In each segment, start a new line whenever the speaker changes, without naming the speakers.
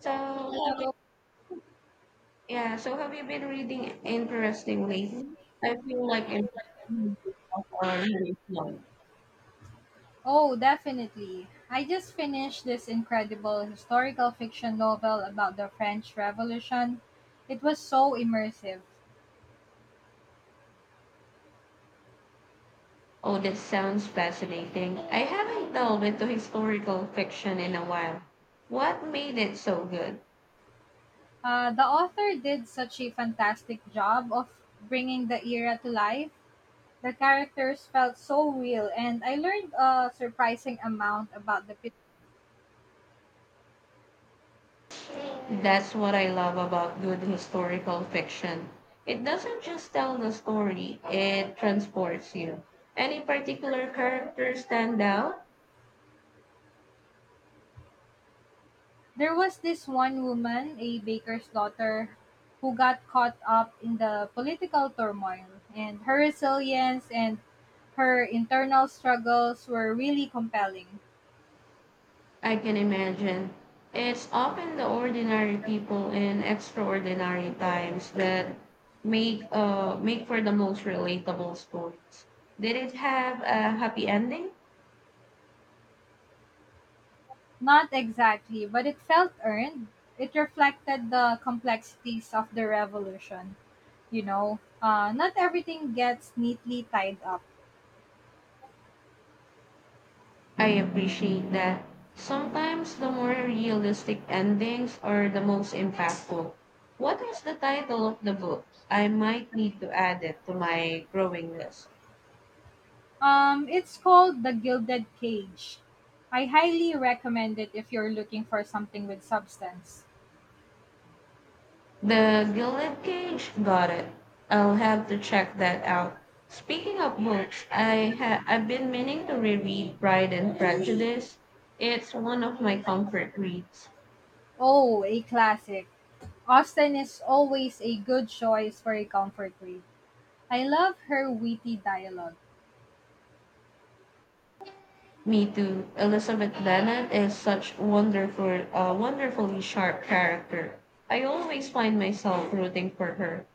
So have you,
Hello.
yeah, so have you been reading interesting lately? I feel like I'm reading on Jerusalem.
Oh, definitely. I just finished this incredible historical fiction novel about the French Revolution. It was so immersive.
Oh, that sounds fascinating. I haven't delved into historical fiction in a while. What made it so good?
The author did such a fantastic job of bringing the era to life. The characters felt so real, and I learned a surprising amount about the
That's what I love about good historical fiction. It doesn't just tell the story, it transports you. Any particular characters stand out?
There was this one woman, a baker's daughter, who got caught up in the political turmoil, and her resilience and her internal struggles were really compelling.
I can imagine. It's often the ordinary people in extraordinary times that make for the most relatable stories. Did it have a happy ending?
Not exactly, but it felt earned. It reflected the complexities of the revolution. You know, not everything gets neatly tied up.
I appreciate that. Sometimes the more realistic endings are the most impactful. What is the title of the book? I might need to add it to my growing list.
It's called The Gilded Cage. I highly recommend it if you're looking for something with substance.
The Gilded Cage. Got it. I'll have to check that out. Speaking of books, I've been meaning to reread Pride and Prejudice. It's one of my comfort reads.
Oh, a classic. Austen is always a good choice for a comfort read. I love her witty dialogue.
Me too. Elizabeth Bennet is such wonderfully sharp character. I always find myself rooting for her.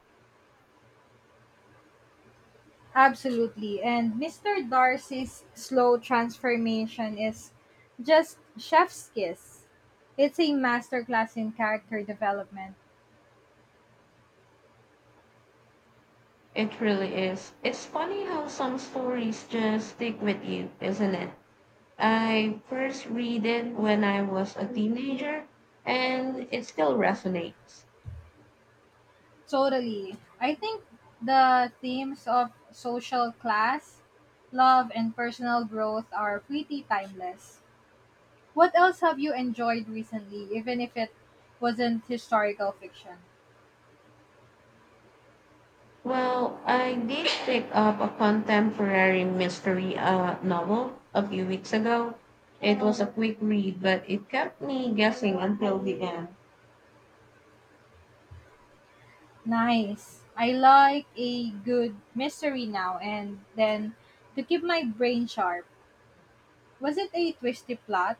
Absolutely. And Mister Darcy's slow transformation is just chef's kiss. It's a masterclass in character development.
It really is. It's funny how some stories just stick with you, isn't it? I first read it when I was a teenager and it still resonates.
Totally. I think the themes of social class, love, and personal growth are pretty timeless. What else have you enjoyed recently, even if it wasn't historical fiction?
Well, I did pick up a contemporary mystery novel a few weeks ago. It was a quick read, but it kept me guessing until the end.
Nice. I like a good mystery now and then to keep my brain sharp. Was it a twisty plot?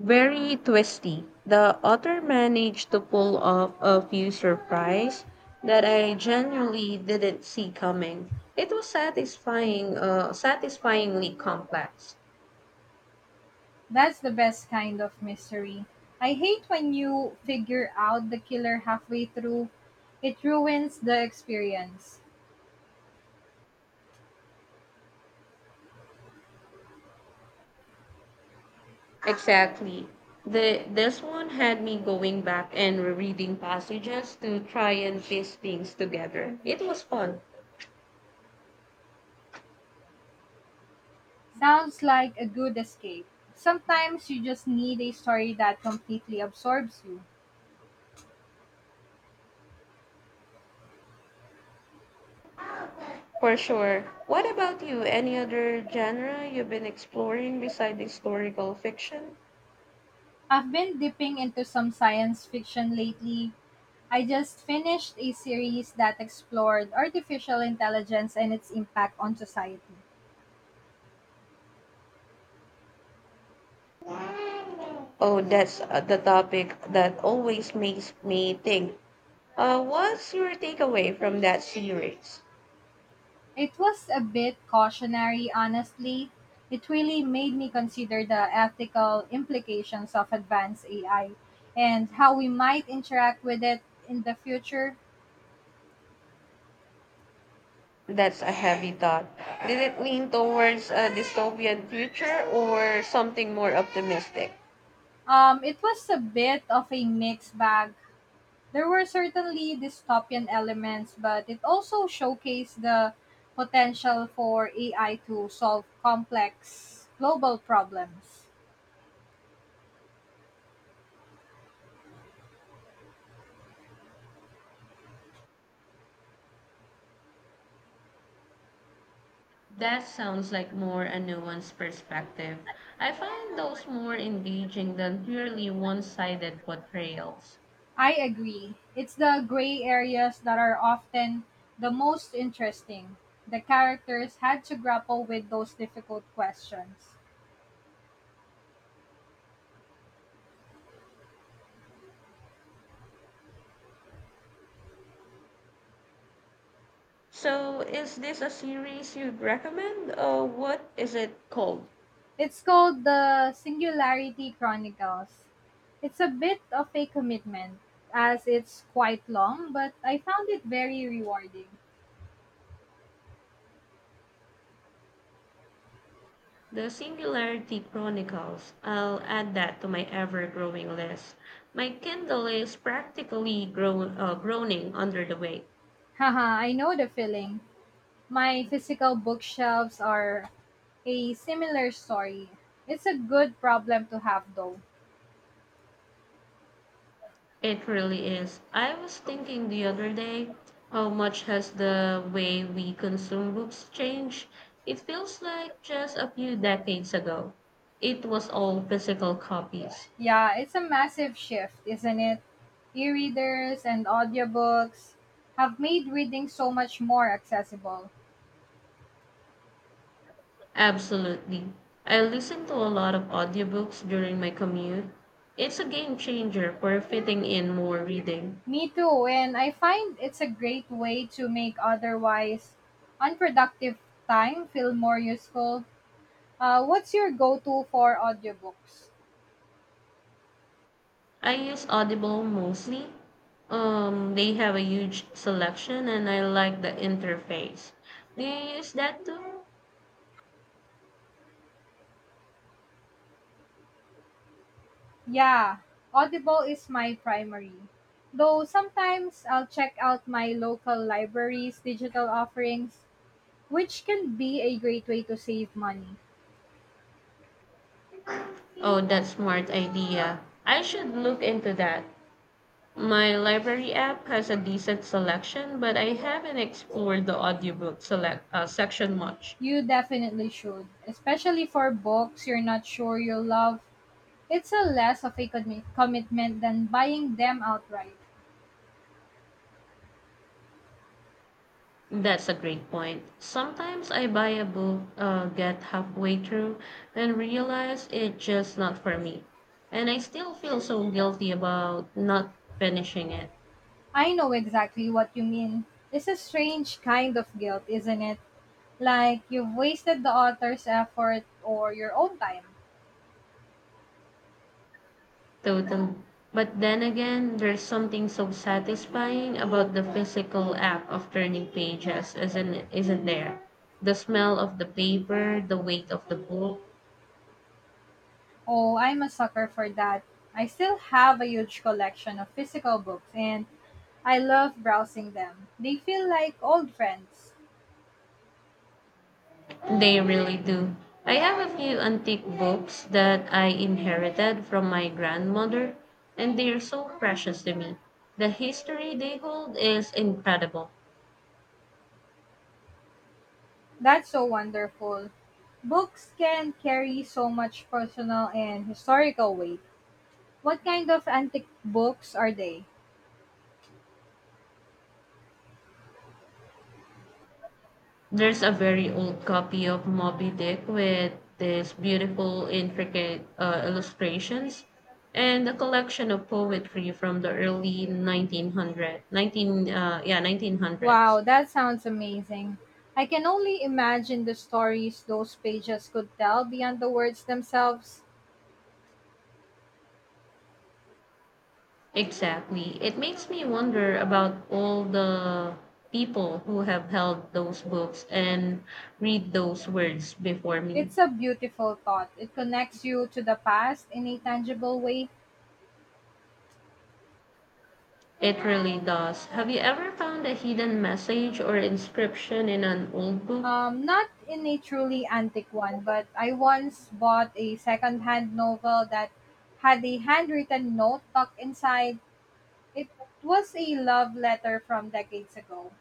Very twisty. The author managed to pull off a few surprise that I genuinely didn't see coming. It was satisfyingly complex.
That's the best kind of mystery. I hate when you figure out the killer halfway through. It ruins the experience.
Exactly. The this one had me going back and rereading passages to try and piece things together. It was fun,
Sounds like a good escape. Sometimes you just need a story that completely absorbs you.
for sure. What about you? Any other genre you've been exploring besides historical fiction?
I've been dipping into some science fiction lately. I just finished a series that explored artificial intelligence and its impact on society.
Oh, that's the topic that always makes me think. What's your takeaway from that series?
It was a bit cautionary, honestly. It really made me consider the ethical implications of advanced AI and how we might interact with it in the future.
That's a heavy thought. Did it lean towards a dystopian future or something more optimistic?
It was a bit of a mixed bag. There were certainly dystopian elements, but it also showcased the potential for AI to solve complex global problems.
That sounds like more a nuanced perspective. I find those more engaging than purely one sided portrayals.
I agree. It's the gray areas that are often the most interesting. The characters had to grapple with those difficult questions.
So, is this a series you'd recommend? What is it called?
It's called the Singularity Chronicles. It's a bit of a commitment, as it's quite long, but I found it very rewarding.
The Singularity Chronicles. I'll add that to my ever growing list. My Kindle is practically groaning under the weight.
Haha, I know the feeling. My physical bookshelves are a similar story. It's a good problem to have though.
It really is. I was thinking the other day, how much has the way we consume books changed? It feels like just a few decades ago, it was all physical copies.
Yeah, it's a massive shift, isn't it? E-readers and audiobooks have made reading so much more accessible.
Absolutely. I listen to a lot of audiobooks during my commute. It's a game changer for fitting in more reading.
Me too, and I find it's a great way to make otherwise unproductive time feel more useful. What's your go-to for audiobooks?
I use Audible mostly. They have a huge selection and I like the interface. Do you use that too?
Yeah, Audible is my primary. Though sometimes I'll check out my local library's digital offerings, which can be a great way to save money.
Oh, that's smart idea. I should look into that. My library app has a decent selection, but I haven't explored the audiobook select section much.
You definitely should, especially for books you're not sure you'll love. It's a less of a commitment than buying them outright.
That's a great point. Sometimes I buy a book, get halfway through, and realize it's just not for me. And I still feel so guilty about not finishing it.
I know exactly what you mean. It's a strange kind of guilt, isn't it? Like you've wasted the author's effort or your own time.
Total. But then again, there's something so satisfying about the physical act of turning pages, isn't there? The smell of the paper, the weight of the book,
Oh, I'm a sucker for that. I still have a huge collection of physical books and I love browsing them. They feel like old friends.
they really do. I have a few antique books that I inherited from my grandmother, and they are so precious to me. The history they hold is incredible.
That's so wonderful. Books can carry so much personal and historical weight. What kind of antique books are they?
There's a very old copy of Moby Dick with these beautiful, intricate illustrations and a collection of poetry from the early
Wow,
1900s.
that sounds amazing. I can only imagine the stories those pages could tell beyond the words themselves.
Exactly. It makes me wonder about all the people who have held those books and read those words before me.
It's a beautiful thought. It connects you to the past in a tangible way.
It really does. Have you ever found a hidden message or inscription in an old book?
Not in a truly antique one, but I once bought a second-hand novel that had a handwritten note tucked inside. It was a love letter from decades ago.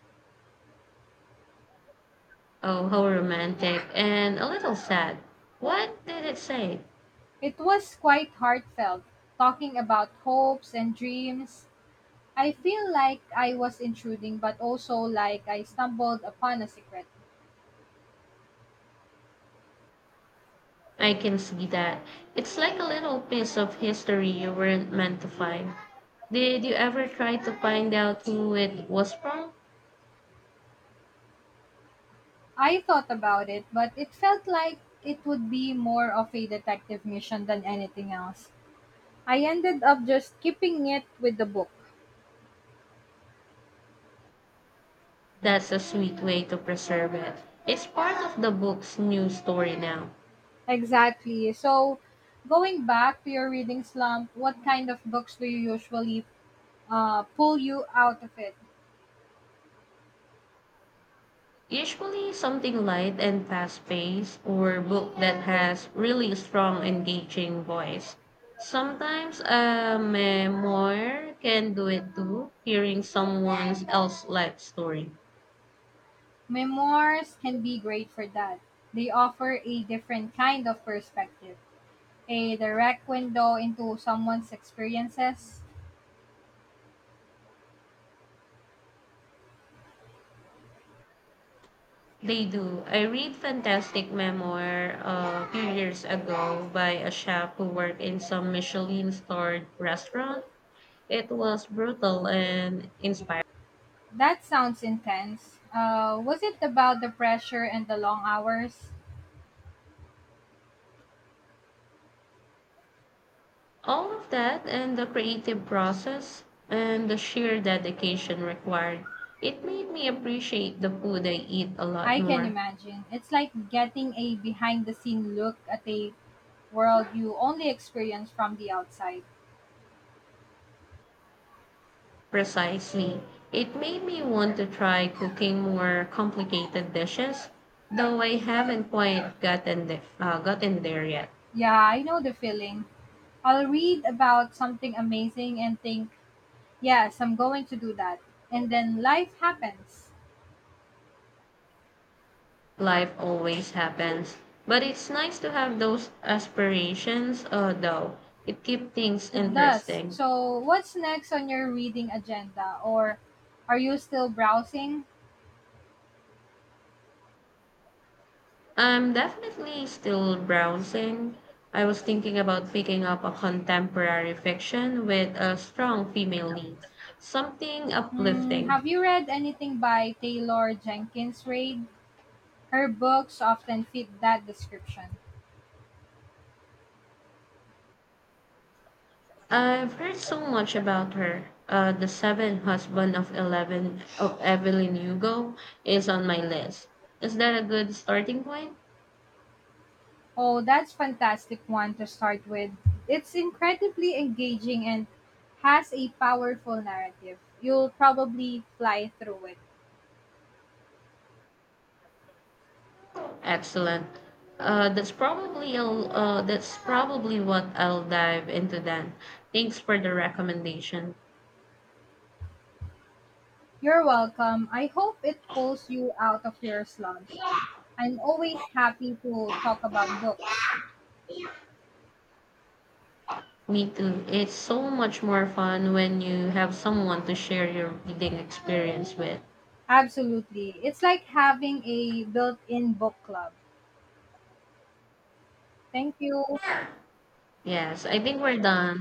Oh, how romantic and a little sad. What did it say?
It was quite heartfelt, talking about hopes and dreams. I feel like I was intruding, but also like I stumbled upon a secret.
I can see that. It's like a little piece of history you weren't meant to find. Did you ever try to find out who it was from?
I thought about it, but it felt like it would be more of a detective mission than anything else. I ended up just keeping it with the book.
That's a sweet way to preserve it. It's part of the book's new story now.
Exactly. So, going back to your reading slump, what kind of books do you usually pull you out of it?
Usually something light and fast paced or book that has really strong engaging voice. Sometimes a memoir can do it too, hearing someone else's life story.
Memoirs can be great for that. They offer a different kind of perspective, a direct window into someone's experiences.
They do. I read fantastic memoir a few years ago by a chef who worked in some Michelin starred restaurant. It was brutal and inspiring.
That sounds intense. Was it about the pressure and the long hours?
All of that and the creative process and the sheer dedication required, it made me appreciate the food I eat a lot
I can
more.
imagine. It's like getting a behind the scene look at a world you only experience from the outside.
Precisely. It made me want to try cooking more complicated dishes, though I haven't quite gotten there yet.
Yeah, I know the feeling. I'll read about something amazing and think, yes, I'm going to do that. And then life happens.
Life always happens. But it's nice to have those aspirations, though. It keeps things
It does.
interesting.
So, what's next on your reading agenda? Or are you still browsing?
I'm definitely still browsing. I was thinking about picking up a contemporary fiction with a strong female lead, something
Hmm,
uplifting.
have you read anything by Taylor Jenkins Reid? Her books often fit that description.
I've heard so much about her. The Seventh Husband of Eleven of Evelyn Hugo is on my list. Is that a good starting point?
Oh, that's fantastic one to start with. It's incredibly engaging and has a powerful narrative. You'll probably fly through it.
Excellent. That's probably what I'll dive into then. Thanks for the recommendation.
You're welcome. I hope it pulls you out of your slump. I'm always happy to talk about books.
Me too. It's so much more fun when you have someone to share your reading experience with.
Absolutely. It's like having a built-in book club. Thank you.
Yes, I think we're done.